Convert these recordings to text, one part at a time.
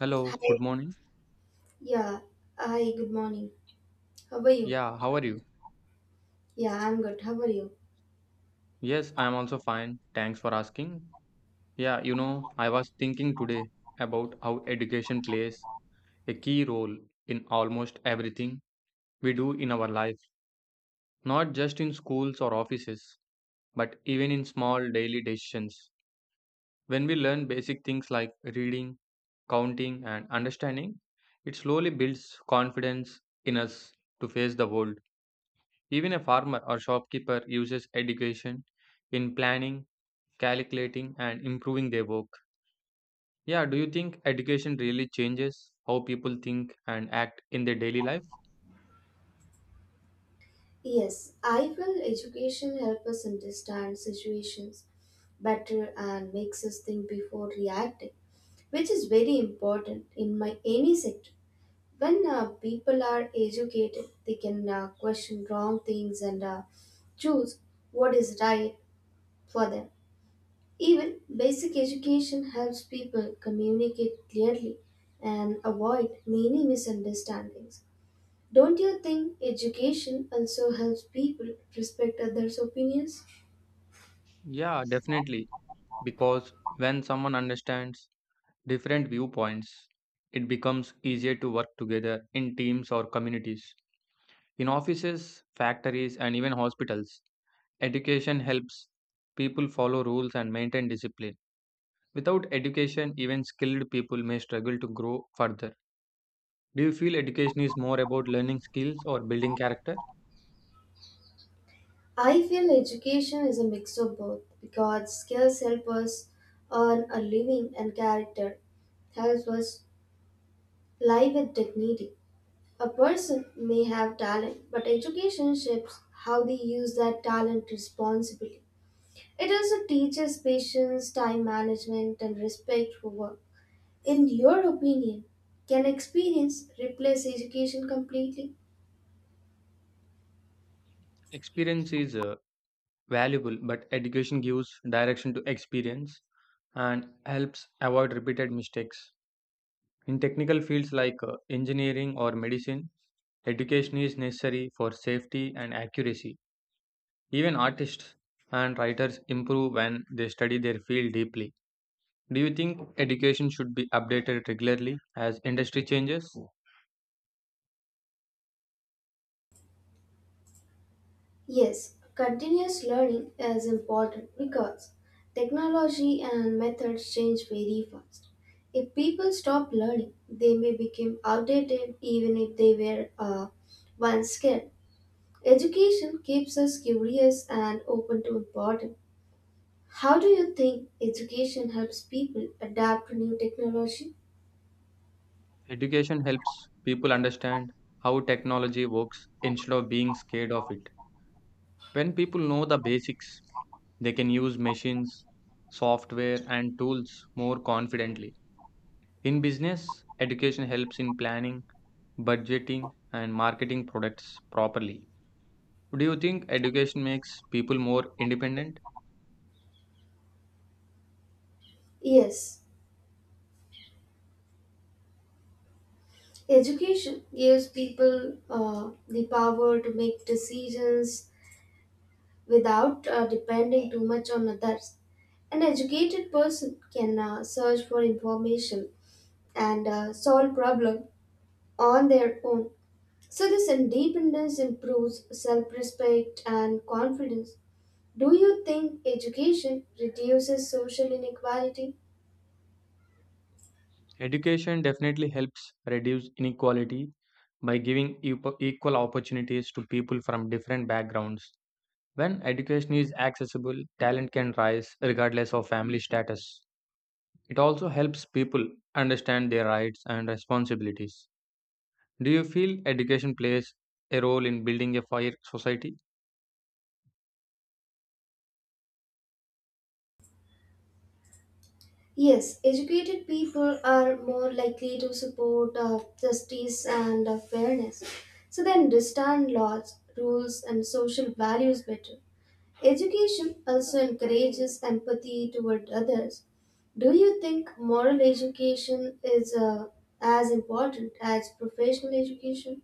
Hello, Hi. good morning. Yeah. Hi, good morning. How are you? Yeah, how are you? Yeah, I'm good. How are you? Yes, I am also fine. Thanks for asking. I was thinking today about how education plays a key role in almost everything we do in our life, not just in schools or offices, but even in small daily decisions. When we learn basic things like reading, counting, and understanding, it slowly builds confidence in us to face the world. Even a farmer or shopkeeper uses education in planning calculating and improving their work. Yeah, do you think education really changes how people think and act in their daily life? Yes, I feel education helps us understand situations better and makes us think before reacting, which is very important in my any sector. When people are educated, they can question wrong things and choose what is right for them. Even basic education helps people communicate clearly and avoid many misunderstandings. Don't you think education also helps people respect others' opinions? Yeah, definitely. Because when someone understands different viewpoints, it becomes easier to work together in teams or communities. In offices, factories, and even hospitals, education helps people follow rules and maintain discipline. Without education, even skilled people may struggle to grow further. Do you feel education is more about learning skills or building character? I feel education is a mix of both because skills help us earn a living and character helps us live with dignity. A person may have talent, but education shapes how they use that talent responsibly. It also teaches patience, time management, and respect for work. In your opinion, can experience replace education completely? Experience is valuable, but education gives direction to experience and helps avoid repeated mistakes. In technical fields like engineering or medicine, education is necessary for safety and accuracy. Even artists and writers improve when they study their field deeply. Do you think education should be updated regularly as industry changes? Yes, continuous learning is important because technology and methods change very fast. If people stop learning, they may become outdated even if they were once skilled. Education keeps us curious and open to important. How do you think education helps people adapt to new technology? Education helps people understand how technology works instead of being scared of it. When people know the basics, they can use machines, software, and tools more confidently. In business, education helps in planning, budgeting, and marketing products properly. Do you think education makes people more independent? Yes, education gives people the power to make decisions without depending too much on others. An educated person can search for information and solve problems on their own. So, this independence improves self respect and confidence. Do you think education reduces social inequality? Education definitely helps reduce inequality by giving equal opportunities to people from different backgrounds. When education is accessible, talent can rise regardless of family status. It also helps people understand their rights and responsibilities. Do you feel education plays a role in building a fair society? Yes, educated people are more likely to support justice and fairness. So they understand laws, rules, and social values better. Education also encourages empathy toward others. Do you think moral education is as important as professional education?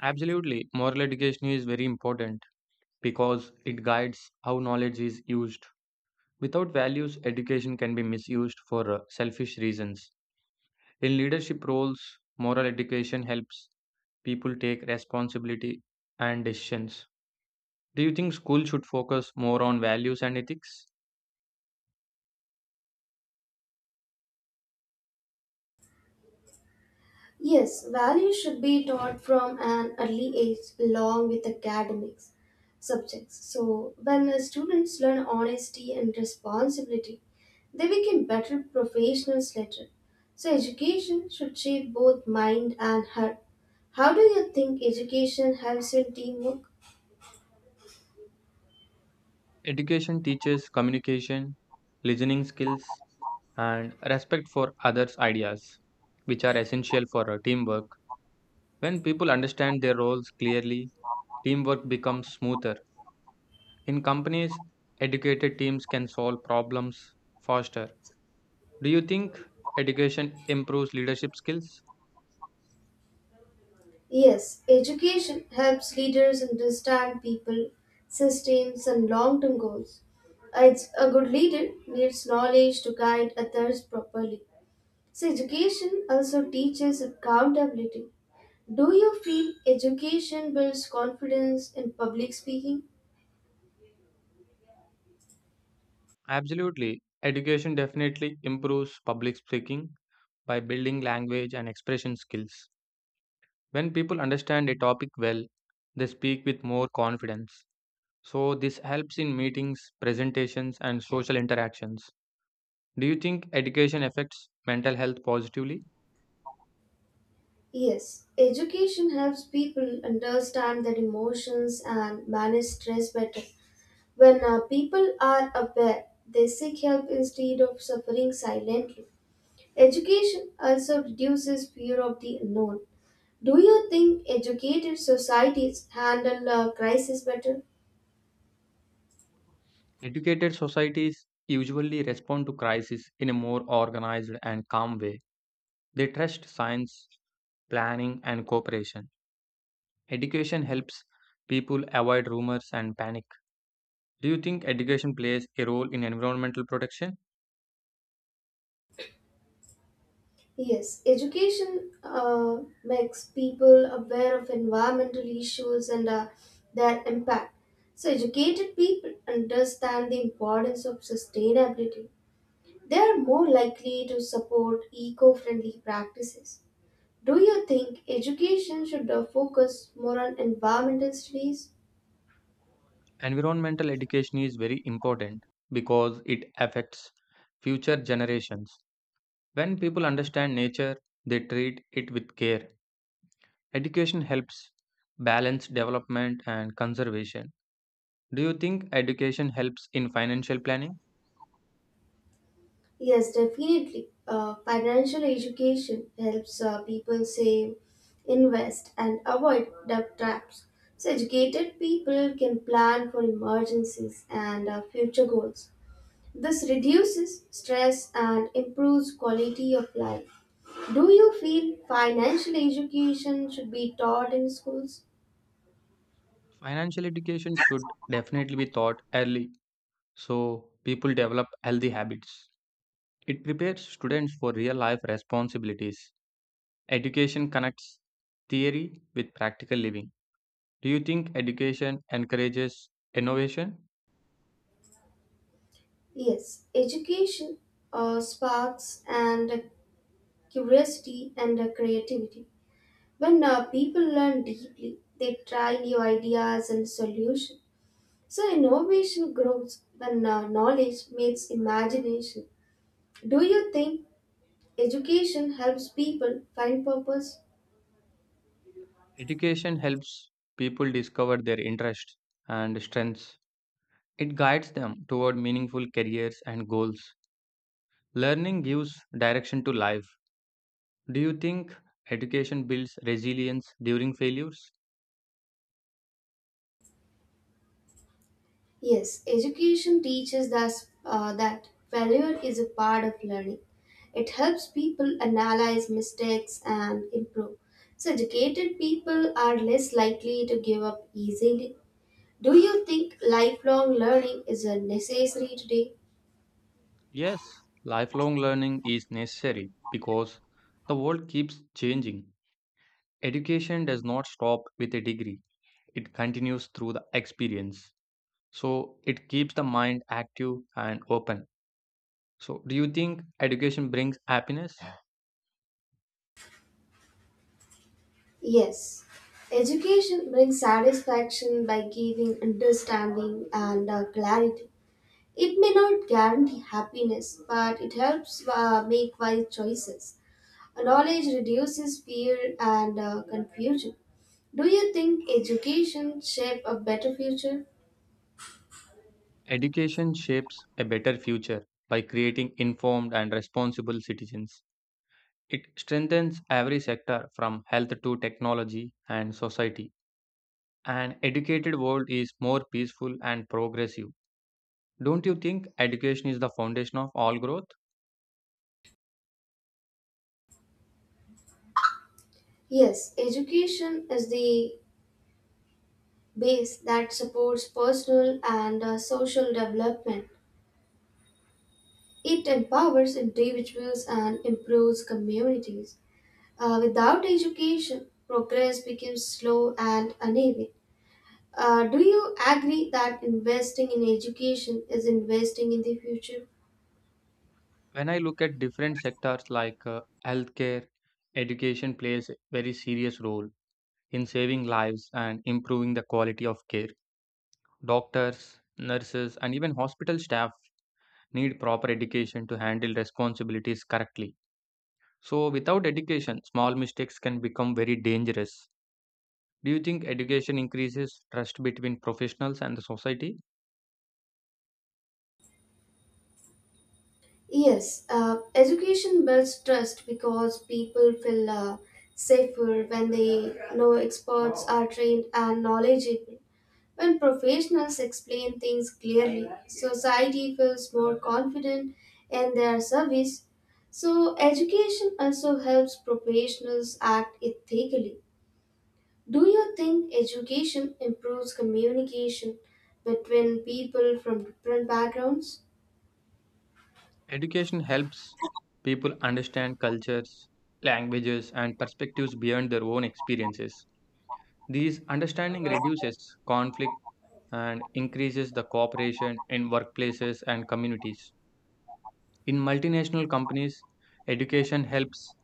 Absolutely. Moral education is very important because it guides how knowledge is used. Without values, education can be misused for selfish reasons. In leadership roles, moral education helps people take responsibility and decisions. Do you think school should focus more on values and ethics? Yes, values should be taught from an early age along with academics subjects. So, when students learn honesty and responsibility, they become better professionals later. So, education should shape both mind and heart. How do you think education helps in teamwork? Education teaches communication, listening skills, and respect for others' ideas, which are essential for teamwork. When people understand their roles clearly, teamwork becomes smoother. In companies, educated teams can solve problems faster. Do you think education improves leadership skills? Yes, education helps leaders understand people, systems, and long term goals. A good leader needs knowledge to guide others properly. So, education also teaches accountability. Do you feel education builds confidence in public speaking? Absolutely. Education definitely improves public speaking by building language and expression skills. When people understand a topic well, they speak with more confidence. So, this helps in meetings, presentations, and social interactions. Do you think education affects mental health positively? Yes, education helps people understand their emotions and manage stress better. When people are aware, they seek help instead of suffering silently. Education also reduces fear of the unknown. Do you think educated societies handle crisis better? Educated societies usually respond to crisis in a more organized and calm way. They trust science, planning, and cooperation. Education helps people avoid rumors and panic. Do you think education plays a role in environmental protection? Yes, education makes people aware of environmental issues and their impact. So, educated people understand the importance of sustainability. They are more likely to support eco friendly practices. Do you think education should focus more on environmental studies? Environmental education is very important because it affects future generations. When people understand nature, they treat it with care. Education helps balance development and conservation. Do you think education helps in financial planning? Yes, definitely. Financial education helps people save, invest, and avoid debt traps. So, educated people can plan for emergencies and future goals. This reduces stress and improves quality of life. Do you feel financial education should be taught in schools? Financial education should definitely be taught early so people develop healthy habits. It prepares students for real life responsibilities. Education connects theory with practical living. Do you think education encourages innovation? Yes, education sparks and curiosity and creativity. When people learn deeply, they try new ideas and solutions. So innovation grows when knowledge meets imagination. Do you think education helps people find purpose? Education helps people discover their interests and strengths. It guides them toward meaningful careers and goals. Learning gives direction to life. Do you think education builds resilience during failures? Yes, education teaches us that failure is a part of learning. It helps people analyze mistakes and improve. So educated people are less likely to give up easily. Do you think lifelong learning is a necessary today? Yes, lifelong learning is necessary because the world keeps changing. Education does not stop with a degree, it continues through the experience. So it keeps the mind active and open. So do you think education brings happiness? Yes. Education brings satisfaction by giving understanding and clarity. It may not guarantee happiness, but it helps make wise choices. Knowledge reduces fear and confusion. Do you think education shape a better future? Education shapes a better future by creating informed and responsible citizens. It strengthens every sector from health to technology and society. An educated world is more peaceful and progressive. Don't you think education is the foundation of all growth? Yes, education is the base that supports personal and social development. It empowers individuals and improves communities. Without education, progress becomes slow and uneven. Do you agree that investing in education is investing in the future? When I look at different sectors like healthcare, education plays a very serious role in saving lives and improving the quality of care. Doctors, nurses, and even hospital staff need proper education to handle responsibilities correctly. So, without education, small mistakes can become very dangerous. Do you think education increases trust between professionals and the society? Yes, education builds trust because people feel safer when they know experts are trained and knowledgeable. When professionals explain things clearly, society feels more confident in their service. So, education also helps professionals act ethically. Do you think education improves communication between people from different backgrounds? Education helps people understand cultures, languages, and perspectives beyond their own experiences. These understanding reduces conflict and increases the cooperation in workplaces and communities. In multinational companies, education helps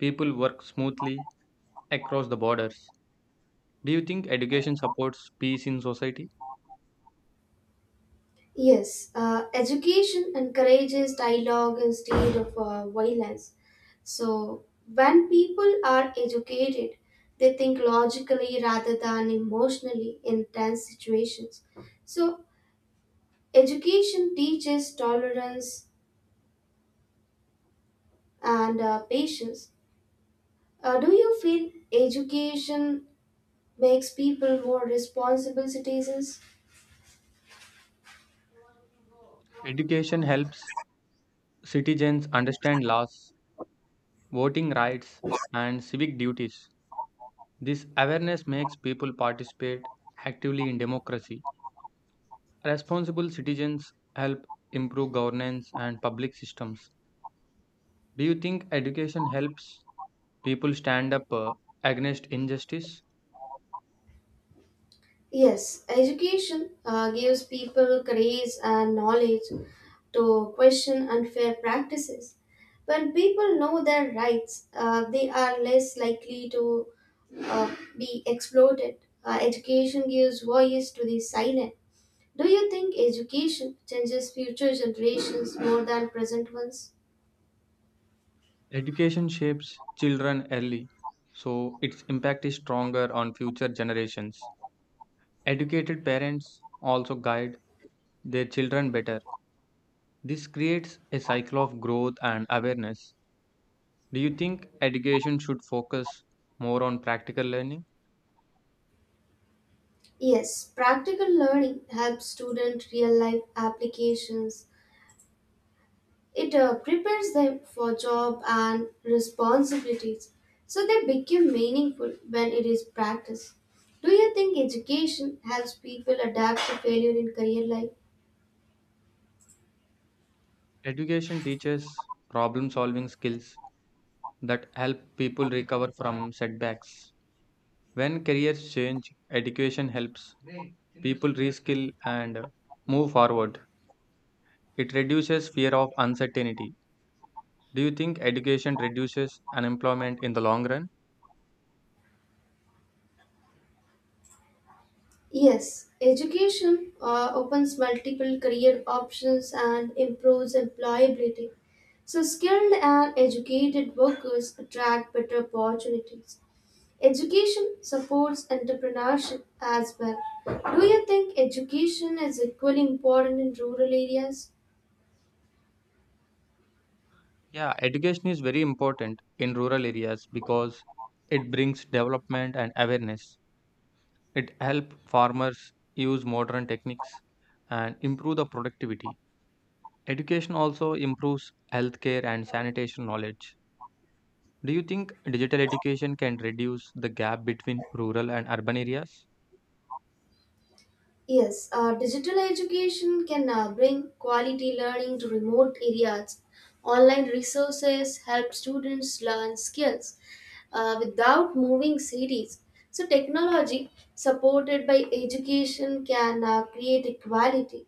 people work smoothly across the borders. Do you think education supports peace in society? Yes, education encourages dialogue instead of violence. So, when people are educated, they think logically rather than emotionally in tense situations. So, education teaches tolerance and patience. Do you feel education makes people more responsible citizens? Education helps citizens understand laws, voting rights, and civic duties. This awareness makes people participate actively in democracy. Responsible citizens help improve governance and public systems. Do you think education helps people stand up against injustice? Yes, education gives people courage and knowledge to question unfair practices. When people know their rights, they are less likely to be exploited. Education gives voice to the silent. Do you think education changes future generations more than present ones? Education shapes children early, so its impact is stronger on future generations. Educated parents also guide their children better. This creates a cycle of growth and awareness. Do you think education should focus more on practical learning? Yes, practical learning helps students real life applications. It prepares them for job and responsibilities, so they become meaningful when it is practiced. Do you think education helps people adapt to failure in career life? Education teaches problem solving skills that help people recover from setbacks. When careers change, education helps people reskill and move forward. It reduces fear of uncertainty. Do you think education reduces unemployment in the long run? Yes, education opens multiple career options and improves employability. So, skilled and educated workers attract better opportunities. Education supports entrepreneurship as well. Do you think education is equally important in rural areas? Yeah, education is very important in rural areas because it brings development and awareness. It helps farmers use modern techniques and improve the productivity. Education also improves healthcare and sanitation knowledge. Do you think digital education can reduce the gap between rural and urban areas? Yes, digital education can bring quality learning to remote areas. Online resources help students learn skills without moving cities. So, technology supported by education can create equality.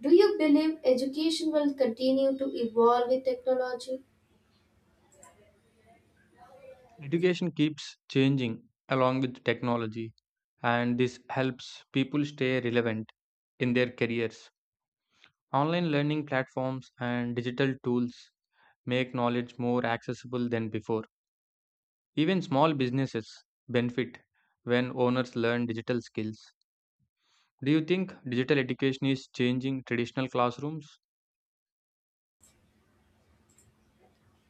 Do you believe education will continue to evolve with technology? Education keeps changing along with technology, and this helps people stay relevant in their careers. Online learning platforms and digital tools make knowledge more accessible than before. Even small businesses benefit when owners learn digital skills. Do you think digital education is changing traditional classrooms?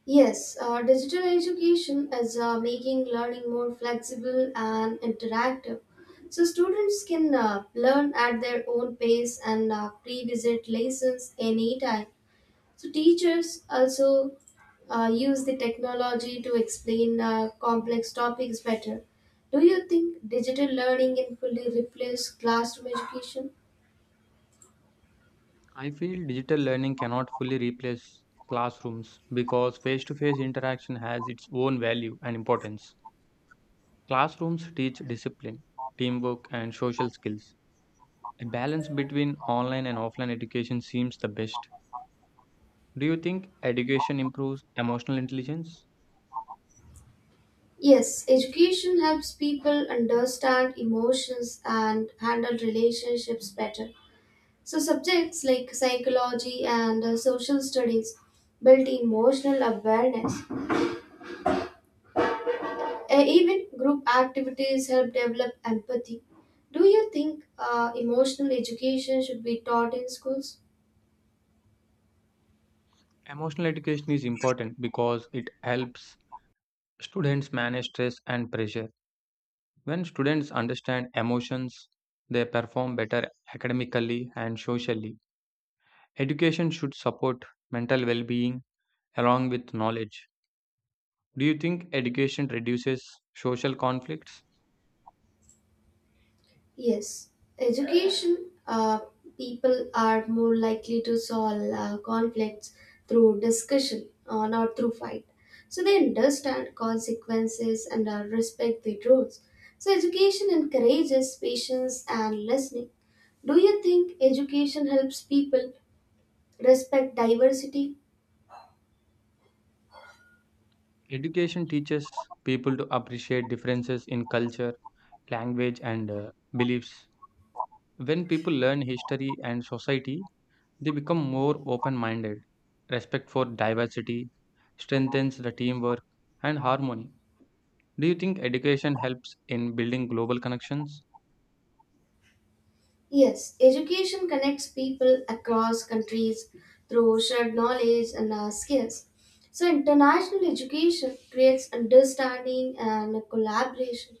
Yes, digital education is making learning more flexible and interactive. So, students can learn at their own pace and pre visit lessons anytime. So, teachers also use the technology to explain complex topics better. Do you think digital learning can fully replace classroom education? I feel digital learning cannot fully replace classrooms because face to face interaction has its own value and importance. Classrooms teach discipline, teamwork, and social skills. A balance between online and offline education seems the best. Do you think education improves emotional intelligence? Yes, education helps people understand emotions and handle relationships better. So, subjects like psychology and social studies built emotional awareness. Even group activities help develop empathy. Do you think emotional education should be taught in schools? Emotional education is important because it helps students manage stress and pressure. When students understand emotions, they perform better academically and socially. Education should support mental well being along with knowledge. Do you think education reduces social conflicts? Yes, education people are more likely to solve conflicts through discussion or not through fight. So they understand consequences and respect the rules. So education encourages patience and listening. Do you think education helps people respect diversity? Education teaches people to appreciate differences in culture, language, and beliefs. When people learn history and society, they become more open minded. Respect for diversity strengthens the teamwork and harmony. Do you think education helps in building global connections? Yes, education connects people across countries through shared knowledge and skills. So, international education creates understanding and collaboration.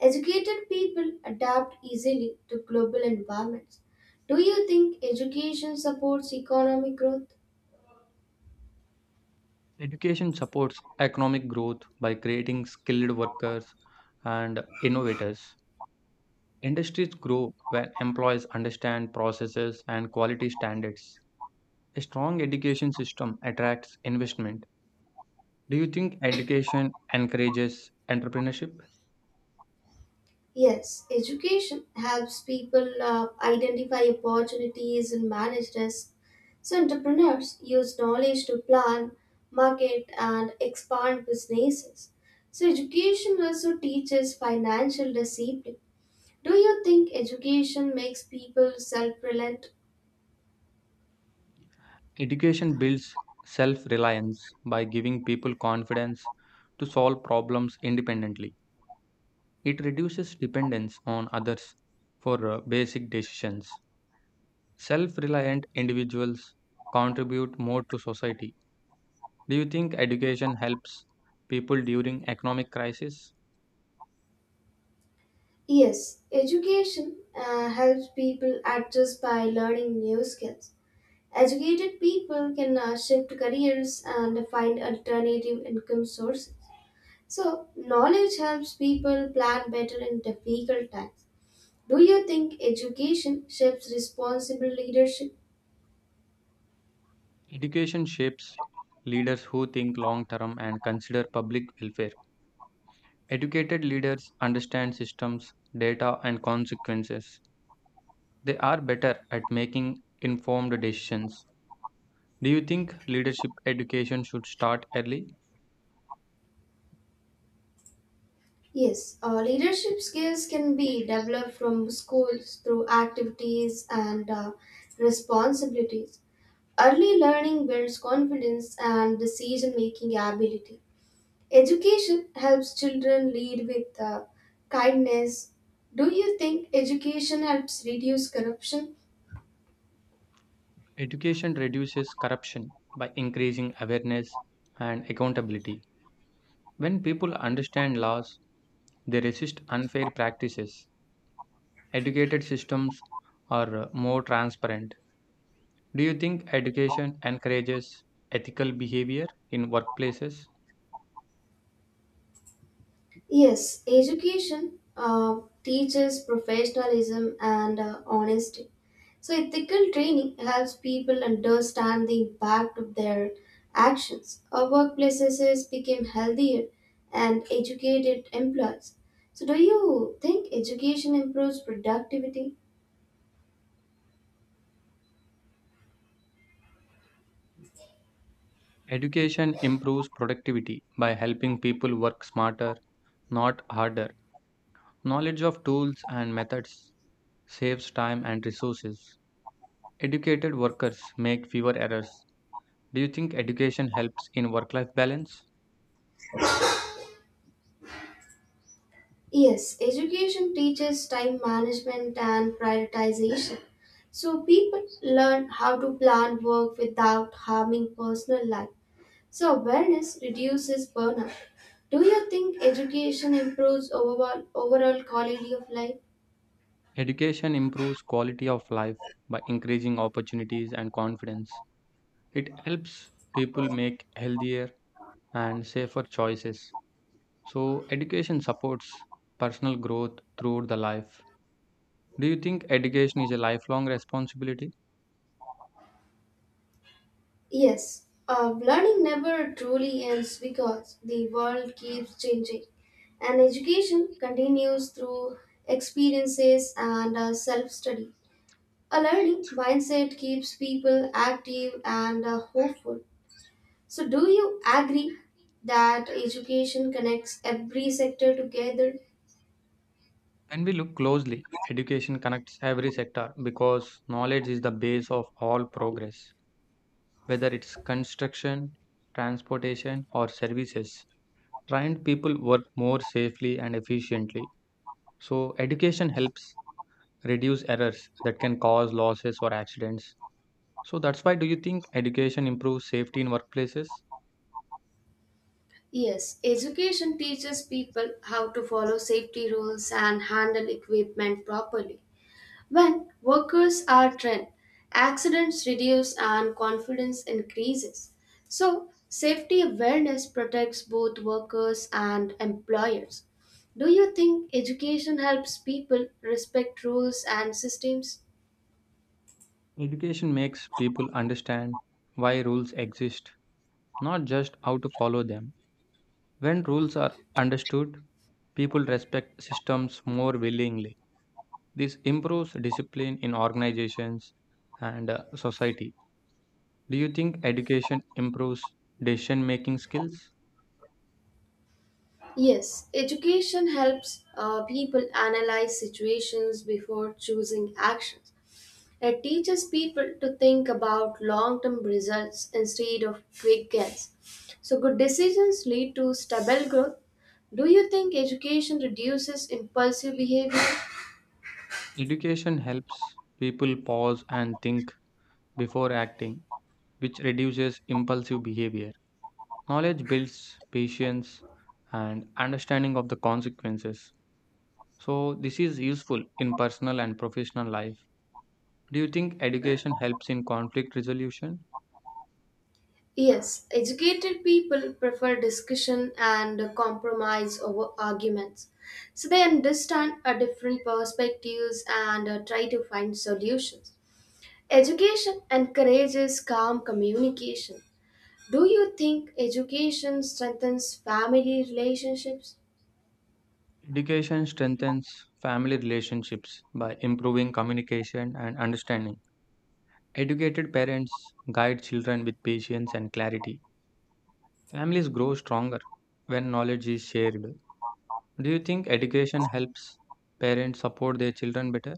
Educated people adapt easily to global environments. Do you think education supports economic growth? Education supports economic growth by creating skilled workers and innovators. Industries grow when employees understand processes and quality standards. A strong education system attracts investment. Do you think education encourages entrepreneurship? Yes, education helps people identify opportunities and manage risk. So, entrepreneurs use knowledge to plan, market, and expand businesses. So, education also teaches financial discipline. Do you think education makes people self reliant? Education builds self reliance by giving people confidence to solve problems independently. It reduces dependence on others for basic decisions. Self reliant individuals contribute more to society. Do you think education helps people during economic crisis? Yes, education helps people adjust by learning new skills. Educated people can shift careers and find alternative income sources. So, knowledge helps people plan better in difficult times. Do you think education shapes responsible leadership? Education shapes leaders who think long term and consider public welfare. Educated leaders understand systems, data, and consequences. They are better at making informed decisions. Do you think leadership education should start early? Yes, leadership skills can be developed from schools through activities and responsibilities. Early learning builds confidence and decision making ability. Education helps children lead with kindness. Do you think education helps reduce corruption? Education reduces corruption by increasing awareness and accountability. When people understand laws, they resist unfair practices. Educated systems are more transparent. Do you think education encourages ethical behavior in workplaces? Yes, education teaches professionalism and honesty. So, ethical training helps people understand the impact of their actions. Our workplaces became healthier and educated employees. So, do you think education improves productivity? Education improves productivity by helping people work smarter, not harder. Knowledge of tools and methods saves time and resources. Educated workers make fewer errors. Do you think education helps in work life balance? Yes, education teaches time management and prioritization. So, people learn how to plan work without harming personal life. So awareness reduces burnout. Do you think education improves overall quality of life? Education improves quality of life by increasing opportunities and confidence. It helps people make healthier and safer choices. So, education supports personal growth throughout the life. Do you think education is a lifelong responsibility? Yes. Learning never truly ends because the world keeps changing, and education continues through experiences and self study. A learning mindset keeps people active and hopeful. So, do you agree that education connects every sector together? When we look closely, education connects every sector because knowledge is the base of all progress, whether it's construction, transportation, or services. Trained people work more safely and efficiently. So, education helps reduce errors that can cause losses or accidents. So, that's why do you think education improves safety in workplaces? Yes, education teaches people how to follow safety rules and handle equipment properly. When workers are trained, accidents reduce and confidence increases. So, safety awareness protects both workers and employers. Do you think education helps people respect rules and systems? Education makes people understand why rules exist, not just how to follow them. When rules are understood, people respect systems more willingly. This improves discipline in organizations and society. Do you think education improves decision making skills? Yes, education helps people analyze situations before choosing actions. It teaches people to think about long term results instead of quick gains. So, good decisions lead to stable growth. Do you think education reduces impulsive behavior? Education helps people pause and think before acting, which reduces impulsive behavior. Knowledge builds patience and understanding of the consequences. So this is useful in personal and professional life. Do you think education helps in conflict resolution? Yes, educated people prefer discussion and compromise over arguments. So they understand a different perspectives and try to find solutions. Education encourages calm communication. Do you think education strengthens family relationships? Education strengthens family relationships by improving communication and understanding. Educated parents guide children with patience and clarity. Families grow stronger when knowledge is shared. Do you think education helps parents support their children better?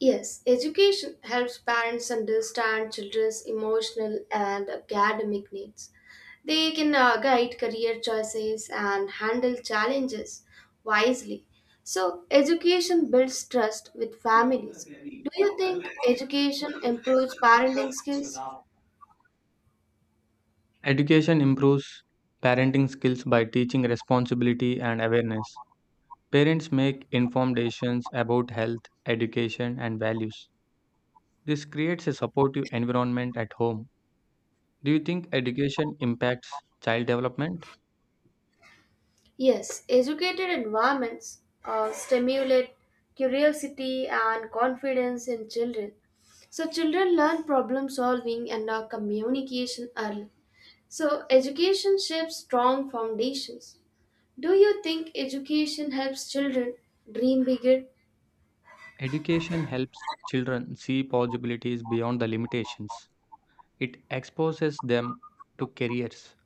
Yes, education helps parents understand children's emotional and academic needs. They can guide career choices and handle challenges wisely. So, education builds trust with families. Do you think education improves parenting skills? Education improves parenting skills by teaching responsibility and awareness. Parents make informed decisions about health, education, and values. This creates a supportive environment at home. Do you think education impacts child development? Yes, educated environments stimulate curiosity and confidence in children. So, children learn problem solving and communication early. So, education shapes strong foundations. Do you think education helps children dream bigger? Education helps children see possibilities beyond the limitations. It exposes them to careers,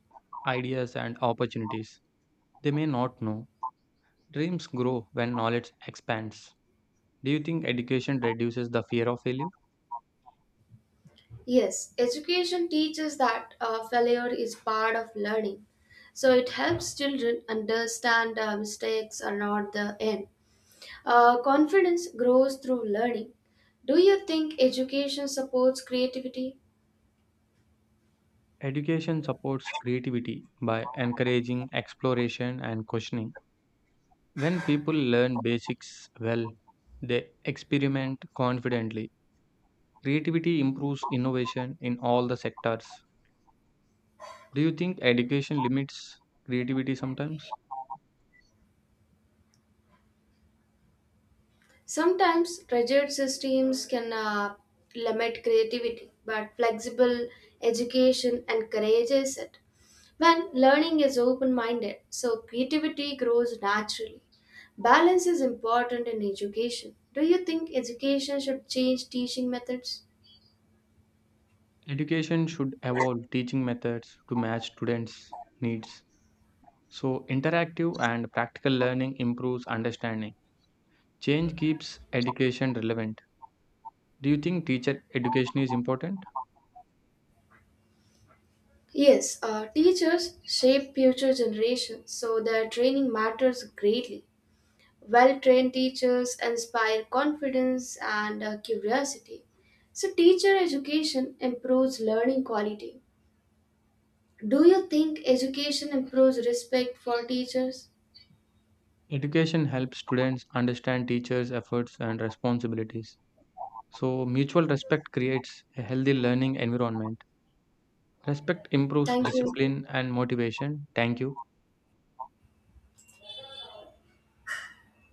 ideas, and opportunities they may not know. Dreams grow when knowledge expands. Do you think education reduces the fear of failure? Yes, education teaches that failure is part of learning. So, it helps children understand mistakes are not the end. Confidence grows through learning. Do you think education supports creativity? Education supports creativity by encouraging exploration and questioning. When people learn basics well, they experiment confidently. Creativity improves innovation in all the sectors. Do you think education limits creativity sometimes? Sometimes rigid systems can limit creativity, but flexible education encourages it. When learning is open minded, so creativity grows naturally. Balance is important in education. Do you think education should change teaching methods? Education should evolve teaching methods to match students' needs. So, interactive and practical learning improves understanding. Change keeps education relevant. Do you think teacher education is important? Yes, teachers shape future generations, so their training matters greatly. Well trained teachers inspire confidence and curiosity. So, teacher education improves learning quality. Do you think education improves respect for teachers? Education helps students understand teachers' efforts and responsibilities. So, mutual respect creates a healthy learning environment. Respect improves Thank you. discipline and motivation. Thank you.